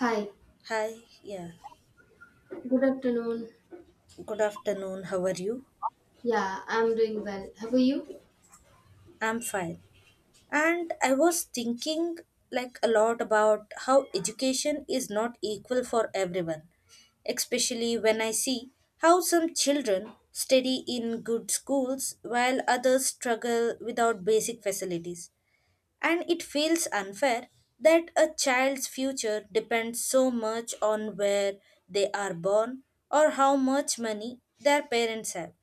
Hi, Hi, yeah. good afternoon. Good afternoon. How are you? Yeah, I'm doing well. How are you? I'm fine. And I was thinking like a lot about how education is not equal for everyone, especially when I see how some children study in good schools while others struggle without basic facilities. And it feels unfair that a child's future depends so much on where they are born or how much money their parents have.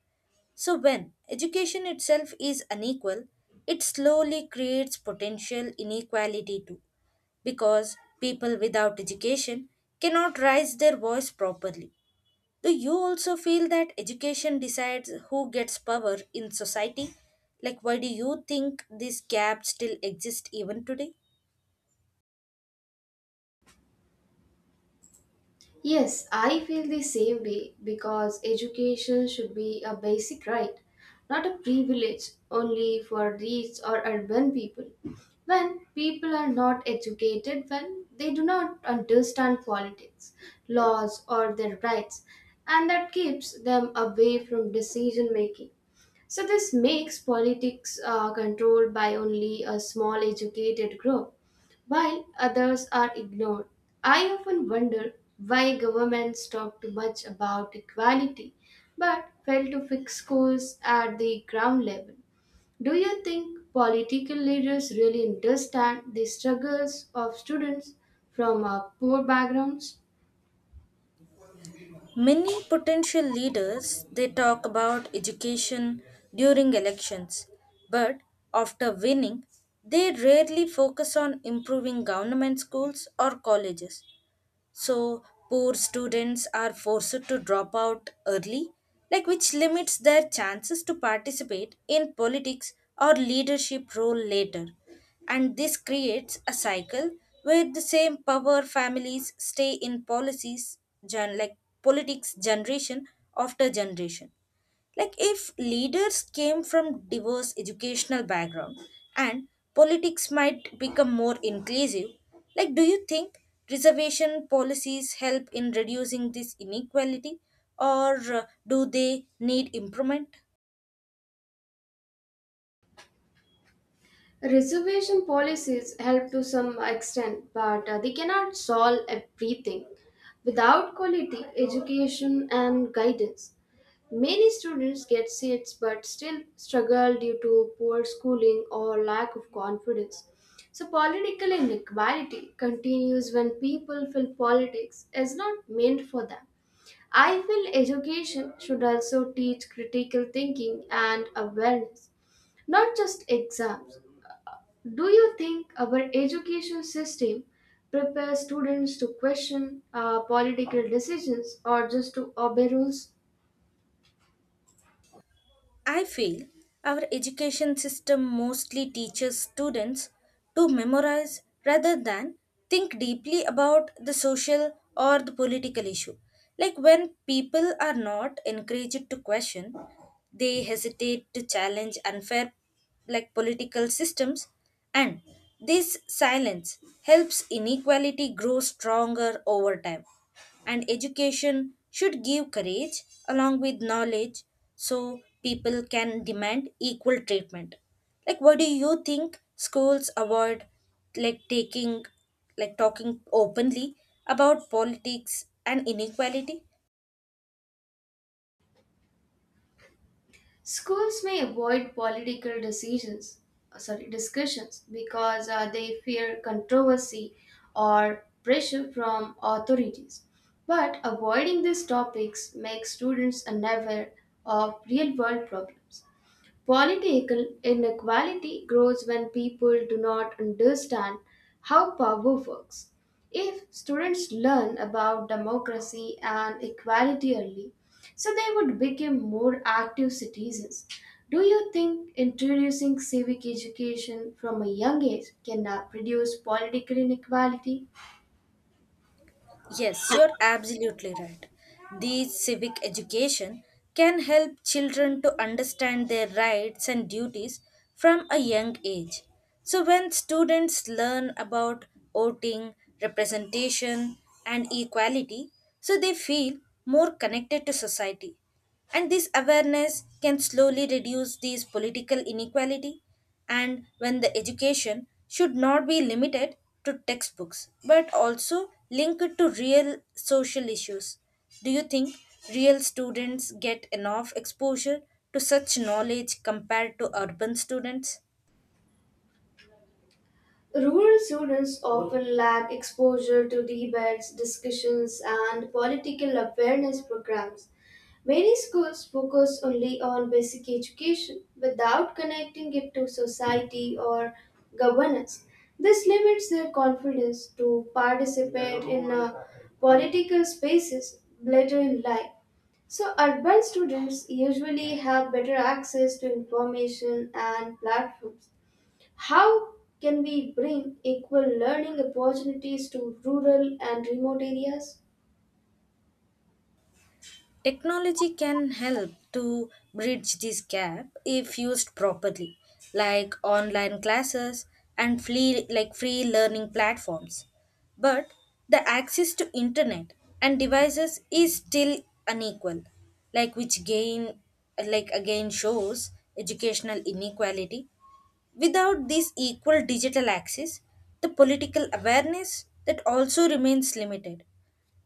So, when education itself is unequal, it slowly creates potential inequality too, because people without education cannot raise their voice properly. Do you also feel that education decides who gets power in society? Like, why do you think this gap still exists even today? Yes, I feel the same way because education should be a basic right, not a privilege only for rich or urban people. When people are not educated, when they do not understand politics, laws, or their rights, and that keeps them away from decision making. So, this makes politics controlled by only a small educated group, while others are ignored. I often wonder why governments talk too much about equality but fail to fix schools at the ground level. Do you think political leaders really understand the struggles of students from poor backgrounds? Many potential leaders they talk about education during elections, but after winning, they rarely focus on improving government schools or colleges. So poor students are forced to drop out early, like which limits their chances to participate in politics or leadership role later. And this creates a cycle where the same power families stay in policies like politics generation after generation. Like if leaders came from diverse educational background and politics might become more inclusive, like do you think reservation policies help in reducing this inequality or do they need improvement? Reservation policies help to some extent, but they cannot solve everything. Without quality education and guidance, many students get seats but still struggle due to poor schooling or lack of confidence. So, political inequality continues when people feel politics is not meant for them. I feel education should also teach critical thinking and awareness, not just exams. Do you think our education system prepares students to question political decisions or just to obey rules? I feel our education system mostly teaches students to memorize rather than think deeply about the social or the political issue. Like when people are not encouraged to question, they hesitate to challenge unfair like political systems, and this silence helps inequality grow stronger over time, and education should give courage along with knowledge so people can demand equal treatment. Like, what do you think schools avoid, like taking like talking openly about politics and inequality? Schools may avoid discussions because they fear controversy or pressure from authorities. But avoiding these topics makes students unaware of real world problems. Political inequality grows when people do not understand how power works. If students learn about democracy and equality early, so they would become more active citizens. Do you think introducing civic education from a young age can reduce political inequality? Yes, you're absolutely right. These civic education can help children to understand their rights and duties from a young age. So, when students learn about voting, representation, and equality, so they feel more connected to society. And this awareness can slowly reduce these political inequality. And when the education should not be limited to textbooks but also linked to real social issues. Do you think real students get enough exposure to such knowledge compared to urban students? Rural students often lack exposure to debates, discussions, and political awareness programs. Many schools focus only on basic education without connecting it to society or governance. This limits their confidence to participate in political spaces later in life. So, urban students usually have better access to information and platforms. How can we bring equal learning opportunities to rural and remote areas? Technology can help to bridge this gap if used properly, like online classes and free learning platforms. But the access to internet and devices is still unequal, like which gain like again shows educational inequality. Without this equal digital access, the political awareness that also remains limited,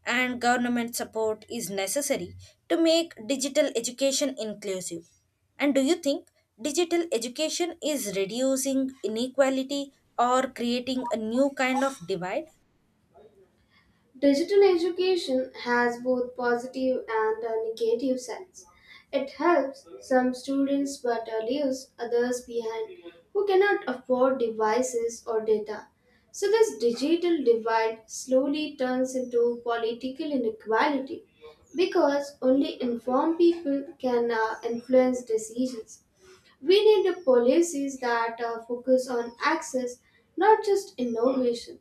and government support is necessary to make digital education inclusive. And do you think digital education is reducing inequality or creating a new kind of divide? Digital education has both positive and negative sides. It helps some students but leaves others behind who cannot afford devices or data. So, this digital divide slowly turns into political inequality because only informed people can influence decisions. We need the policies that focus on access, not just innovation.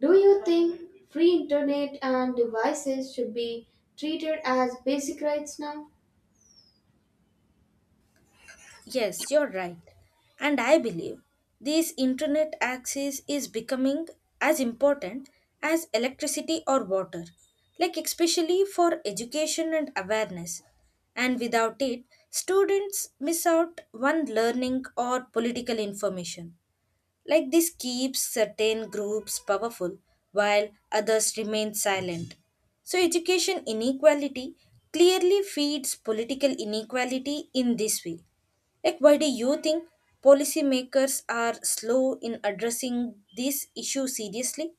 Do you think free internet and devices should be treated as basic rights now? Yes, you're right. And I believe this internet access is becoming as important as electricity or water, like especially for education and awareness. And without it, students miss out on learning or political information. Like this keeps certain groups powerful while others remain silent. So, education inequality clearly feeds political inequality in this way. Like, why do you think policymakers are slow in addressing this issue seriously?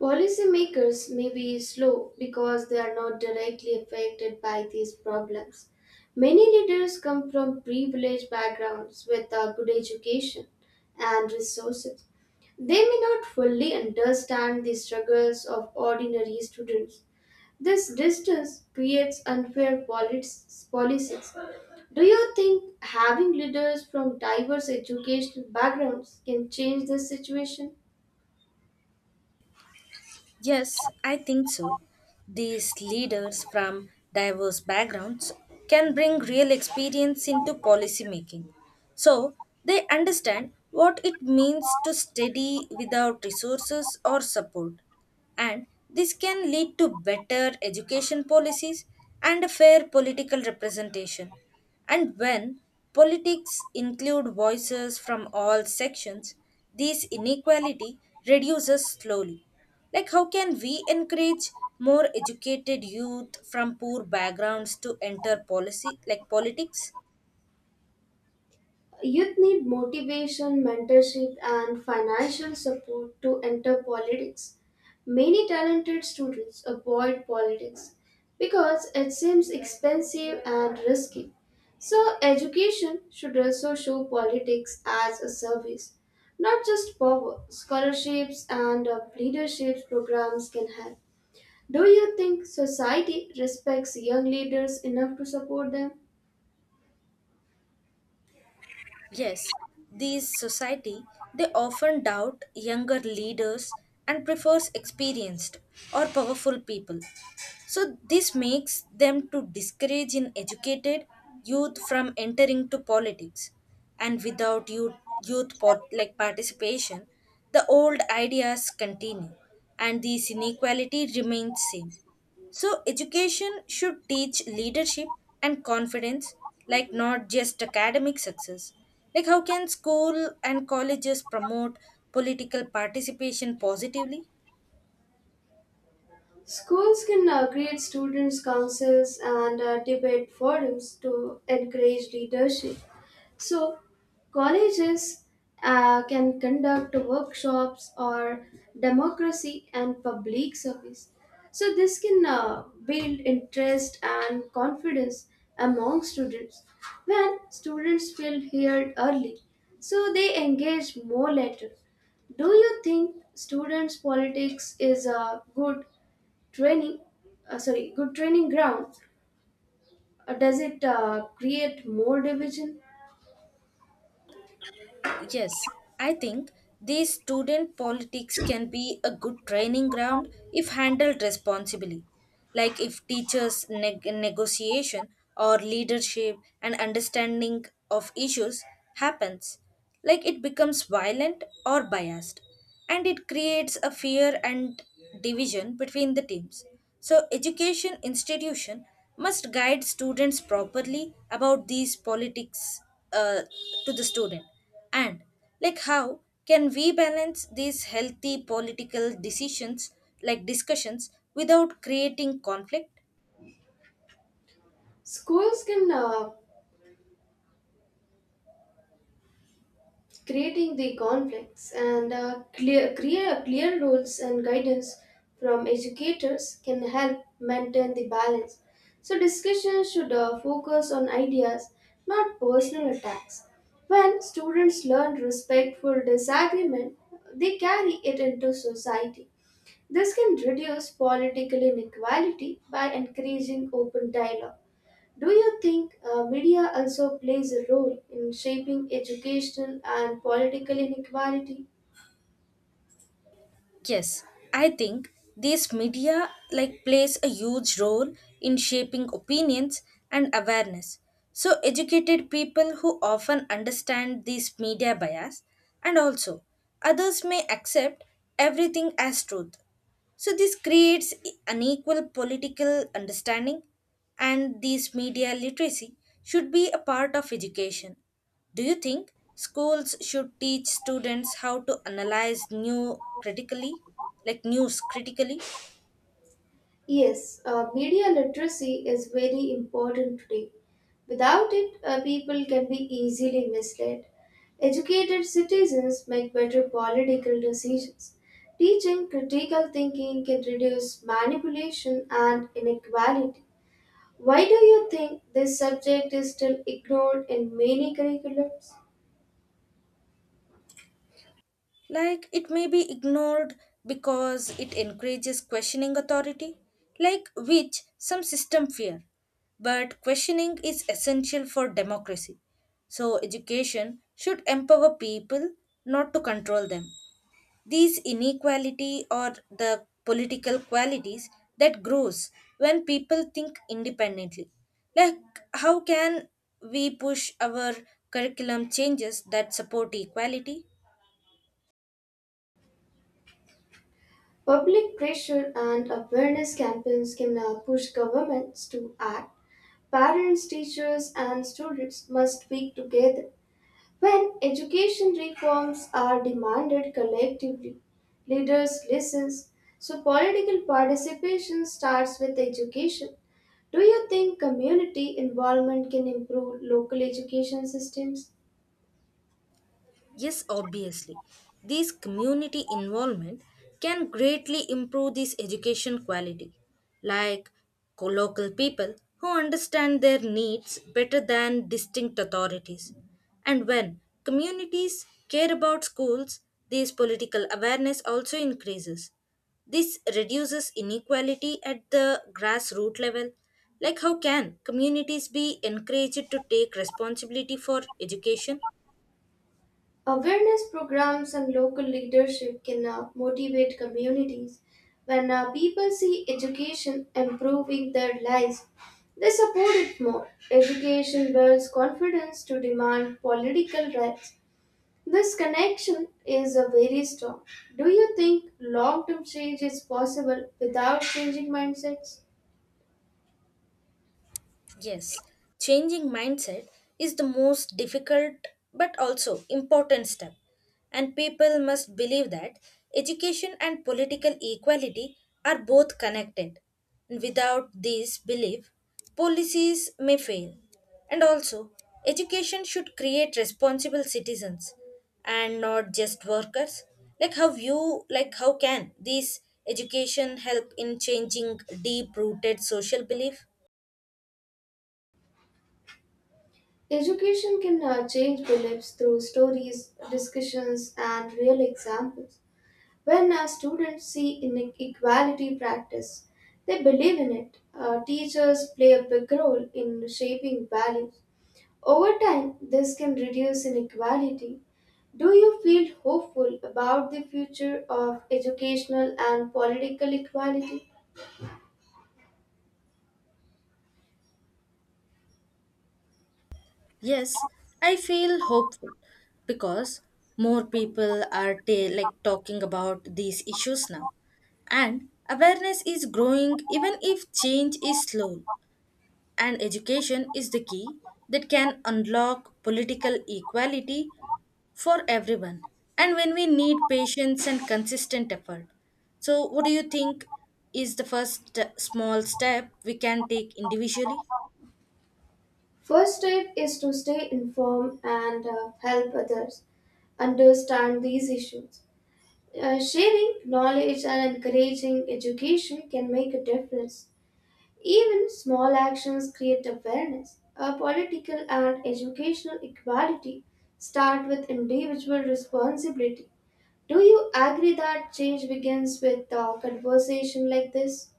Policymakers may be slow because they are not directly affected by these problems. Many leaders come from privileged backgrounds with a good education and resources. They may not fully understand the struggles of ordinary students. This distance creates unfair policies. Do you think having leaders from diverse educational backgrounds can change this situation? Yes, I think so. These leaders from diverse backgrounds can bring real experience into policy making. So, they understand what it means to study without resources or support, and this can lead to better education policies and a fair political representation. And when politics include voices from all sections, this inequality reduces slowly. Like, how can we encourage more educated youth from poor backgrounds to enter policy, like politics? Youth need motivation, mentorship, and financial support to enter politics. Many talented students avoid politics because it seems expensive and risky. So, education should also show politics as a service, not just power. Scholarships and leadership programs can help. Do you think society respects young leaders enough to support them? Yes, these society they often doubt younger leaders and prefers experienced or powerful people. So this makes them to discourage in educated youth from entering to politics, and without youth, youth pot, like participation, the old ideas continue and this inequality remains same. So, education should teach leadership and confidence, like not just academic success. Like, how can school and colleges promote political participation positively? Schools can create students' councils and debate forums to encourage leadership. So, colleges can conduct workshops or democracy and public service. So, this can build interest and confidence among students. When students feel heard early, so they engage more later. Do you think students' politics is Training, good training ground. Does it create more division? Yes, I think these student politics can be a good training ground if handled responsibly. Like if teachers' negotiation or leadership and understanding of issues happens, like it becomes violent or biased, and it creates a fear and division between the teams. So education institution must guide students properly about these politics uh, to the student. And like how can we balance these healthy political decisions, like discussions, without creating conflict? Schools can creating the conflicts and clear, clear rules and guidance from educators can help maintain the balance. So discussions should focus on ideas, not personal attacks. When students learn respectful disagreement, they carry it into society. This can reduce political inequality by encouraging open dialogue. Do you think media also plays a role in shaping educational and political inequality? Yes, I think these media like plays a huge role in shaping opinions and awareness. So educated people who often understand these media bias, and also others may accept everything as truth. So this creates unequal political understanding, and this media literacy should be a part of education. Do you think schools should teach students how to analyze new critically, like news critically? Yes, media literacy is very important today. Without it, people can be easily misled. Educated citizens make better political decisions. Teaching critical thinking can reduce manipulation and inequality. Why do you think this subject is still ignored in many curriculums? Like it may be ignored because it encourages questioning authority, like which some system fear. But questioning is essential for democracy. So education should empower people, not to control them. These inequality are the political qualities that grows when people think independently. Like how can we push our curriculum changes that support equality? Public pressure and awareness campaigns can now push governments to act. Parents, teachers, and students must speak together. When education reforms are demanded collectively, leaders listen. So political participation starts with education. Do you think community involvement can improve local education systems? Yes, obviously. This community involvement can greatly improve this education quality, like local people who understand their needs better than distinct authorities. And when communities care about schools, this political awareness also increases. This reduces inequality at the grassroots level. Like, how can communities be encouraged to take responsibility for education? Awareness programs and local leadership can motivate communities. When people see education improving their lives, they support it more. Education builds confidence to demand political rights. This connection is a very strong. Do you think long term change is possible without changing mindsets? Yes, changing mindset is the most difficult but also important step. And people must believe that education and political equality are both connected. And without this belief, policies may fail. And also, education should create responsible citizens and not just workers. Like how you like how can this education help in changing deep rooted social belief? Education can change beliefs through stories, discussions, and real examples. When our students see inequality practice, they believe in it. Teachers play a big role in shaping values. Over time, this can reduce inequality. Do you feel hopeful about the future of educational and political equality? Yes, I feel hopeful because more people are talking about these issues now. And awareness is growing even if change is slow. And education is the key that can unlock political equality for everyone. And when we need patience and consistent effort. So, what do you think is the first small step we can take individually? First step is to stay informed and help others understand these issues. Sharing knowledge and encouraging education can make a difference. Even small actions create awareness. A political and educational equality start with individual responsibility. Do you agree that change begins with a conversation like this?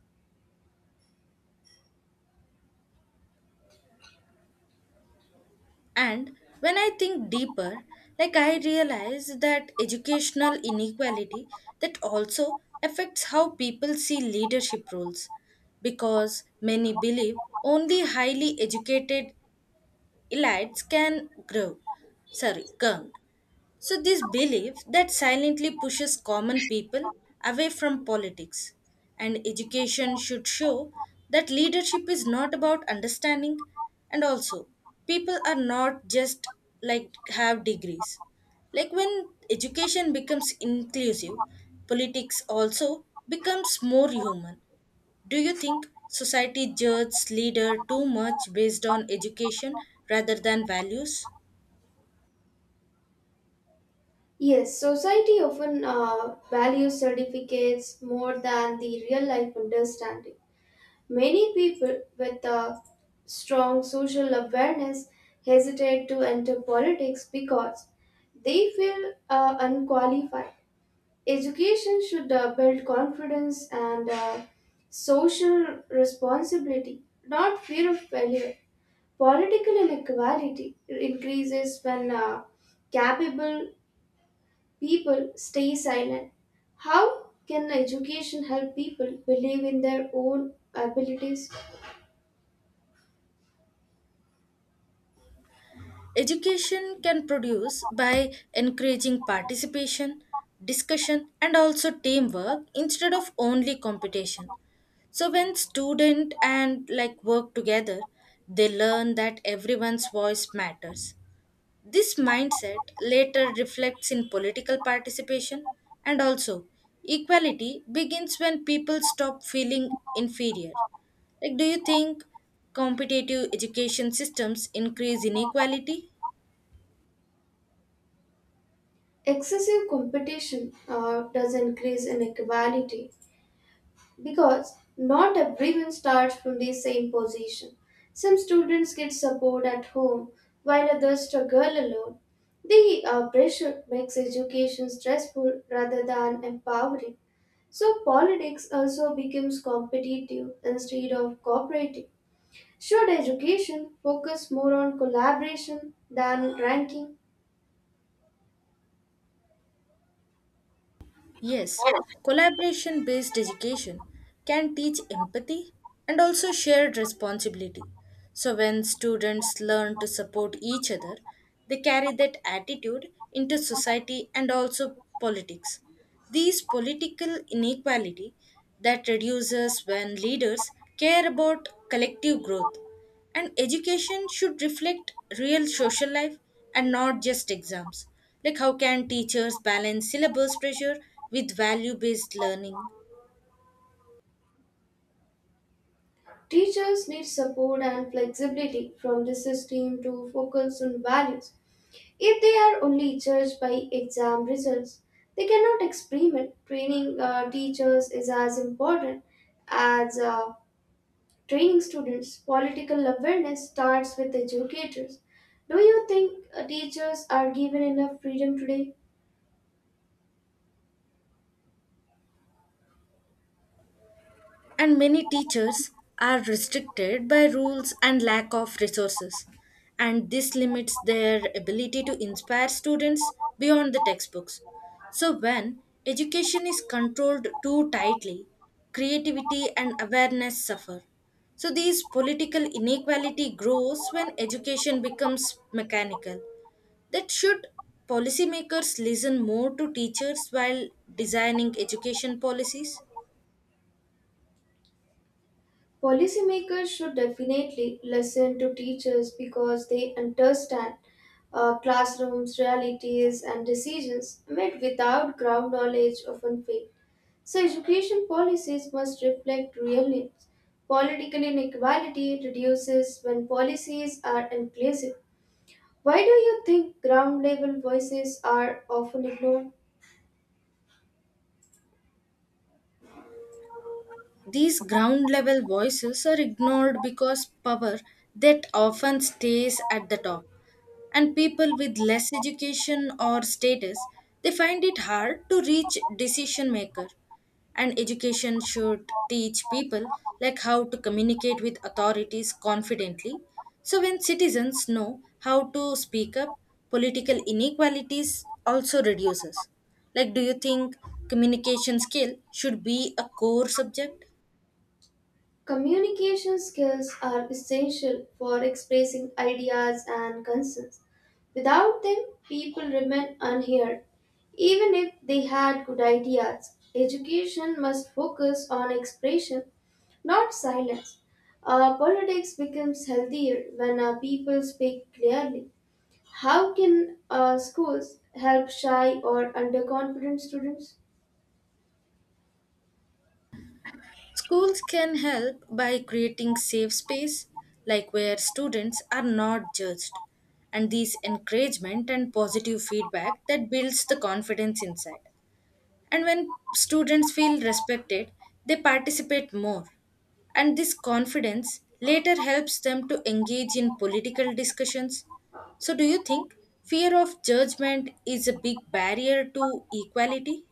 And when I think deeper, like I realize that educational inequality that also affects how people see leadership roles, because many believe only highly educated elites can grow, sorry, come. So, this belief that silently pushes common people away from politics. And education should show that leadership is not about understanding, and also, people are not just like have degrees. Like when education becomes inclusive, politics also becomes more human. Do you think society judges leader too much based on education rather than values? Yes, society often values certificates more than the real life understanding. Many people with a strong social awareness hesitate to enter politics because they feel unqualified. Education should build confidence and social responsibility, not fear of failure. Political inequality increases when capable people stay silent. How can education help people believe in their own abilities? Education can produce by encouraging participation, discussion, and also teamwork instead of only competition. So when student and like work together, they learn that everyone's voice matters. This mindset later reflects in political participation, and also equality begins when people stop feeling inferior. Like do you think competitive education systems increase inequality? Excessive competition does increase inequality, because not everyone starts from the same position. Some students get support at home while others struggle alone. The pressure makes education stressful rather than empowering. So, politics also becomes competitive instead of cooperative. Should education focus more on collaboration than ranking? Yes, collaboration based education can teach empathy and also shared responsibility. So, when students learn to support each other, they carry that attitude into society and also politics. These political inequality that reduces when leaders care about collective growth. And education should reflect real social life and not just exams. Like, how can teachers balance syllabus pressure with value based learning? Teachers need support and flexibility from the system to focus on values. If they are only judged by exam results, they cannot experiment. Training teachers is as important as training students. Political awareness starts with educators. Do you think teachers are given enough freedom today? And many teachers are restricted by rules and lack of resources. And this limits their ability to inspire students beyond the textbooks. So, when education is controlled too tightly, creativity and awareness suffer. So, these political inequality grows when education becomes mechanical. That should policymakers listen more to teachers while designing education policies? Policymakers should definitely listen to teachers because they understand classrooms, realities, and decisions made without ground knowledge often fail. So, education policies must reflect real needs. Political inequality reduces when policies are inclusive. Why do you think ground level voices are often ignored? These ground level voices are ignored because power that often stays at the top. And people with less education or status, they find it hard to reach decision maker. And education should teach people like how to communicate with authorities confidently. So when citizens know how to speak up, political inequalities also reduces. Like do you think communication skill should be a core subject? Communication skills are essential for expressing ideas and concerns. Without them, people remain unheard, even if they had good ideas. Education must focus on expression, not silence. Politics becomes healthier when people speak clearly. How can schools help shy or underconfident students? Schools can help by creating safe space like where students are not judged, and these encouragement and positive feedback that builds the confidence inside. And when students feel respected, they participate more. And this confidence later helps them to engage in political discussions. So do you think fear of judgment is a big barrier to equality?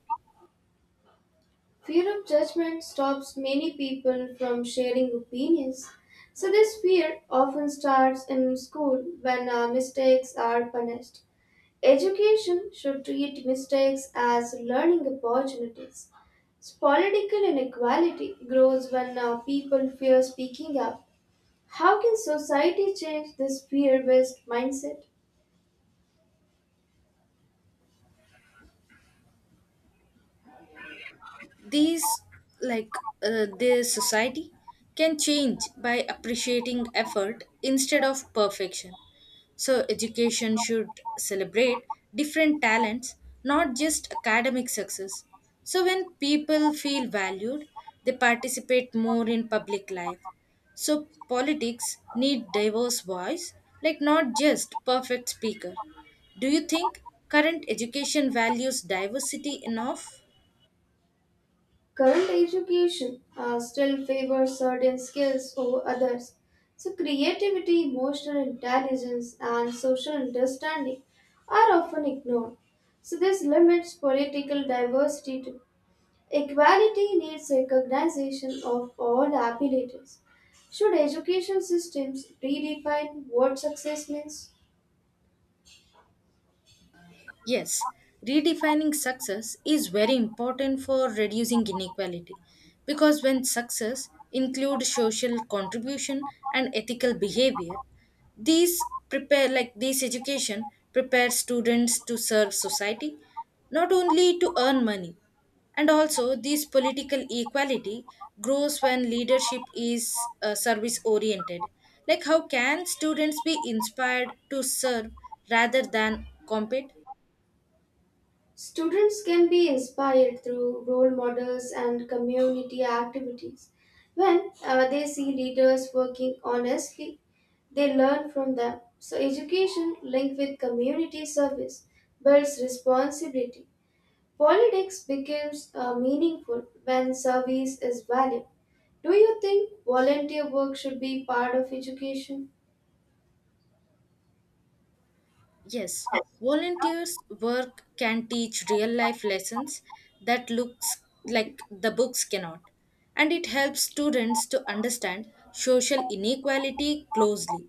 Fear of judgment stops many people from sharing opinions. So, this fear often starts in school when mistakes are punished. Education should treat mistakes as learning opportunities. Political inequality grows when people fear speaking up. How can society change this fear based mindset? These like their society can change by appreciating effort instead of perfection. So education should celebrate different talents, not just academic success. So when people feel valued, they participate more in public life. So politics need diverse voice, like not just perfect speaker. Do you think current education values diversity enough? Current education still favors certain skills over others. So, creativity, emotional intelligence, and social understanding are often ignored. So, this limits political diversity to equality needs recognition of all abilities. Should education systems redefine what success means? Yes, redefining success is very important for reducing inequality, because when success includes social contribution and ethical behavior, these prepare like this education prepares students to serve society, not only to earn money, and also this political equality grows when leadership is service oriented. Like how can students be inspired to serve rather than compete? Students can be inspired through role models and community activities. When they see leaders working honestly, they learn from them. So, education linked with community service builds responsibility. Politics becomes meaningful when service is valued. Do you think volunteer work should be part of education? Yes, volunteers' work can teach real life lessons that looks like the books cannot. And it helps students to understand social inequality closely.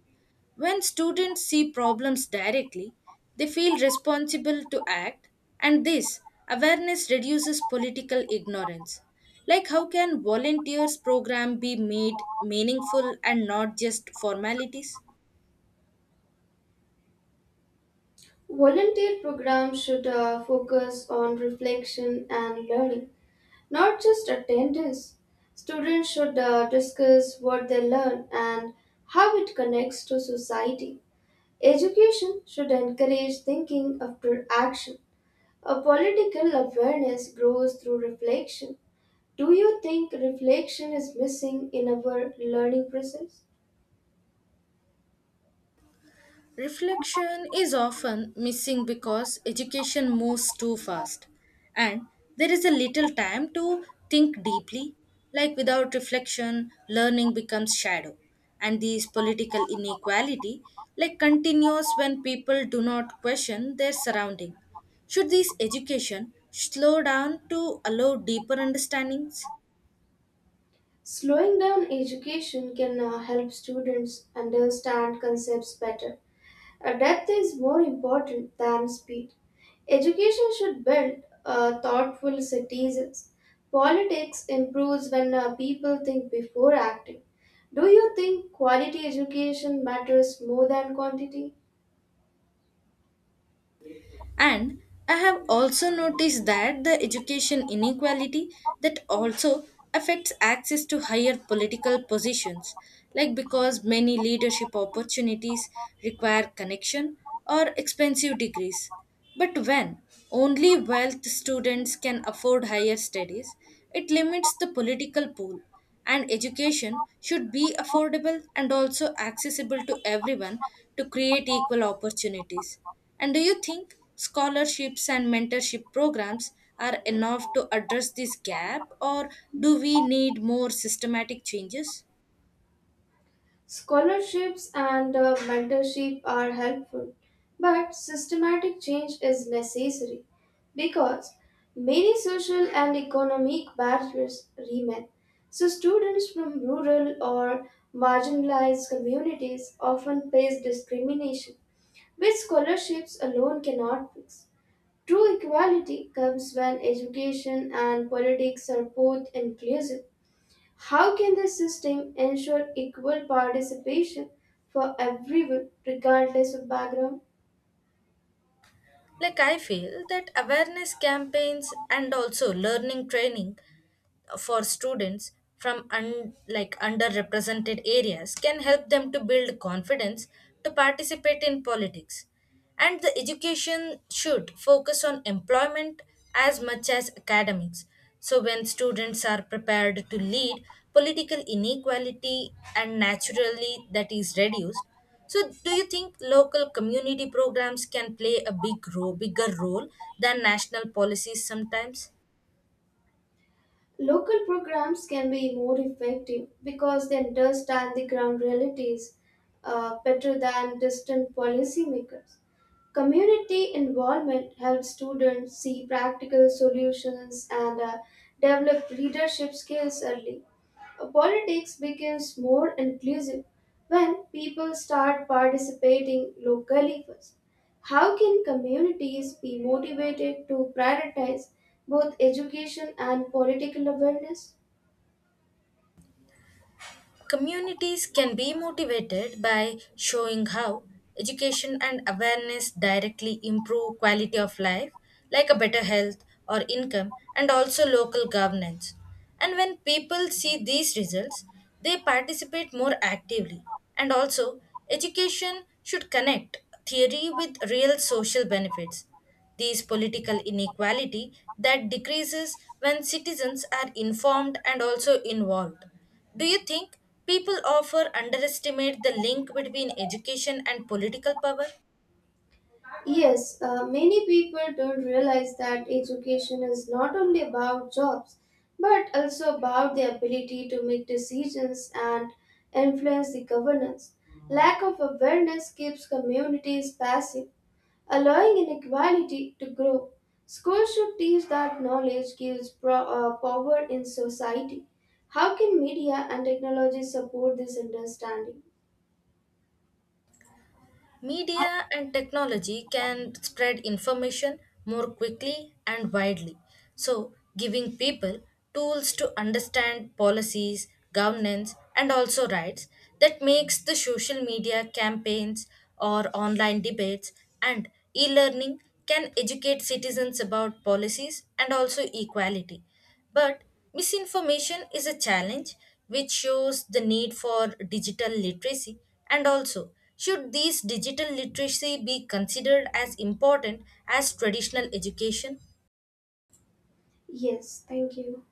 When students see problems directly, they feel responsible to act, and this awareness reduces political ignorance. Like, how can volunteers' program be made meaningful and not just formalities? Volunteer programs should focus on reflection and learning, not just attendance. Students should discuss what they learn and how it connects to society. Education should encourage thinking after action. A political awareness grows through reflection. Do you think reflection is missing in our learning process? Reflection is often missing because education moves too fast, and there is a little time to think deeply. Like without reflection, learning becomes shadow, and these political inequality like continues when people do not question their surrounding. Should this education slow down to allow deeper understandings? Slowing down education can help students understand concepts better. Depth is more important than speed. Education should build thoughtful citizens. Politics improves when people think before acting. Do you think quality education matters more than quantity? And I have also noticed that the education inequality that also affects access to higher political positions, like because many leadership opportunities require connection or expensive degrees. But when only wealth students can afford higher studies, it limits the political pool. And education should be affordable and also accessible to everyone to create equal opportunities. And do you think scholarships and mentorship programs are enough to address this gap, or do we need more systematic changes? Scholarships and mentorship are helpful, but systematic change is necessary because many social and economic barriers remain. So, students from rural or marginalized communities often face discrimination, which scholarships alone cannot fix. True equality comes when education and politics are both inclusive. How can the system ensure equal participation for everyone, regardless of background? Like, I feel that awareness campaigns and also learning training for students from underrepresented areas can help them to build confidence to participate in politics, and the education should focus on employment as much as academics. So when students are prepared to lead, political inequality and naturally that is reduced. So, do you think local community programs can play a bigger role than national policies sometimes? Local programs can be more effective because they understand the ground realities better than distant policymakers. Community involvement helps students see practical solutions and develop leadership skills early. Politics becomes more inclusive when people start participating locally first. How can communities be motivated to prioritize both education and political awareness? Communities can be motivated by showing how education and awareness directly improve quality of life, like a better health or income, and also local governance. And when people see these results, they participate more actively. And also, education should connect theory with real social benefits. These political inequality that decreases when citizens are informed and also involved. Do you think people often underestimate the link between education and political power? Yes, many people don't realize that education is not only about jobs but also about the ability to make decisions and influence the governance. Lack of awareness keeps communities passive allowing inequality to grow. Schools should teach that knowledge gives power in society. How can media and technology support this understanding? Media and technology can spread information more quickly and widely. So, giving people tools to understand policies, governance, and also rights that makes the social media campaigns or online debates and e learning can educate citizens about policies and also equality. But misinformation is a challenge which shows the need for digital literacy, and also should these digital literacy be considered as important as traditional education? Yes, thank you.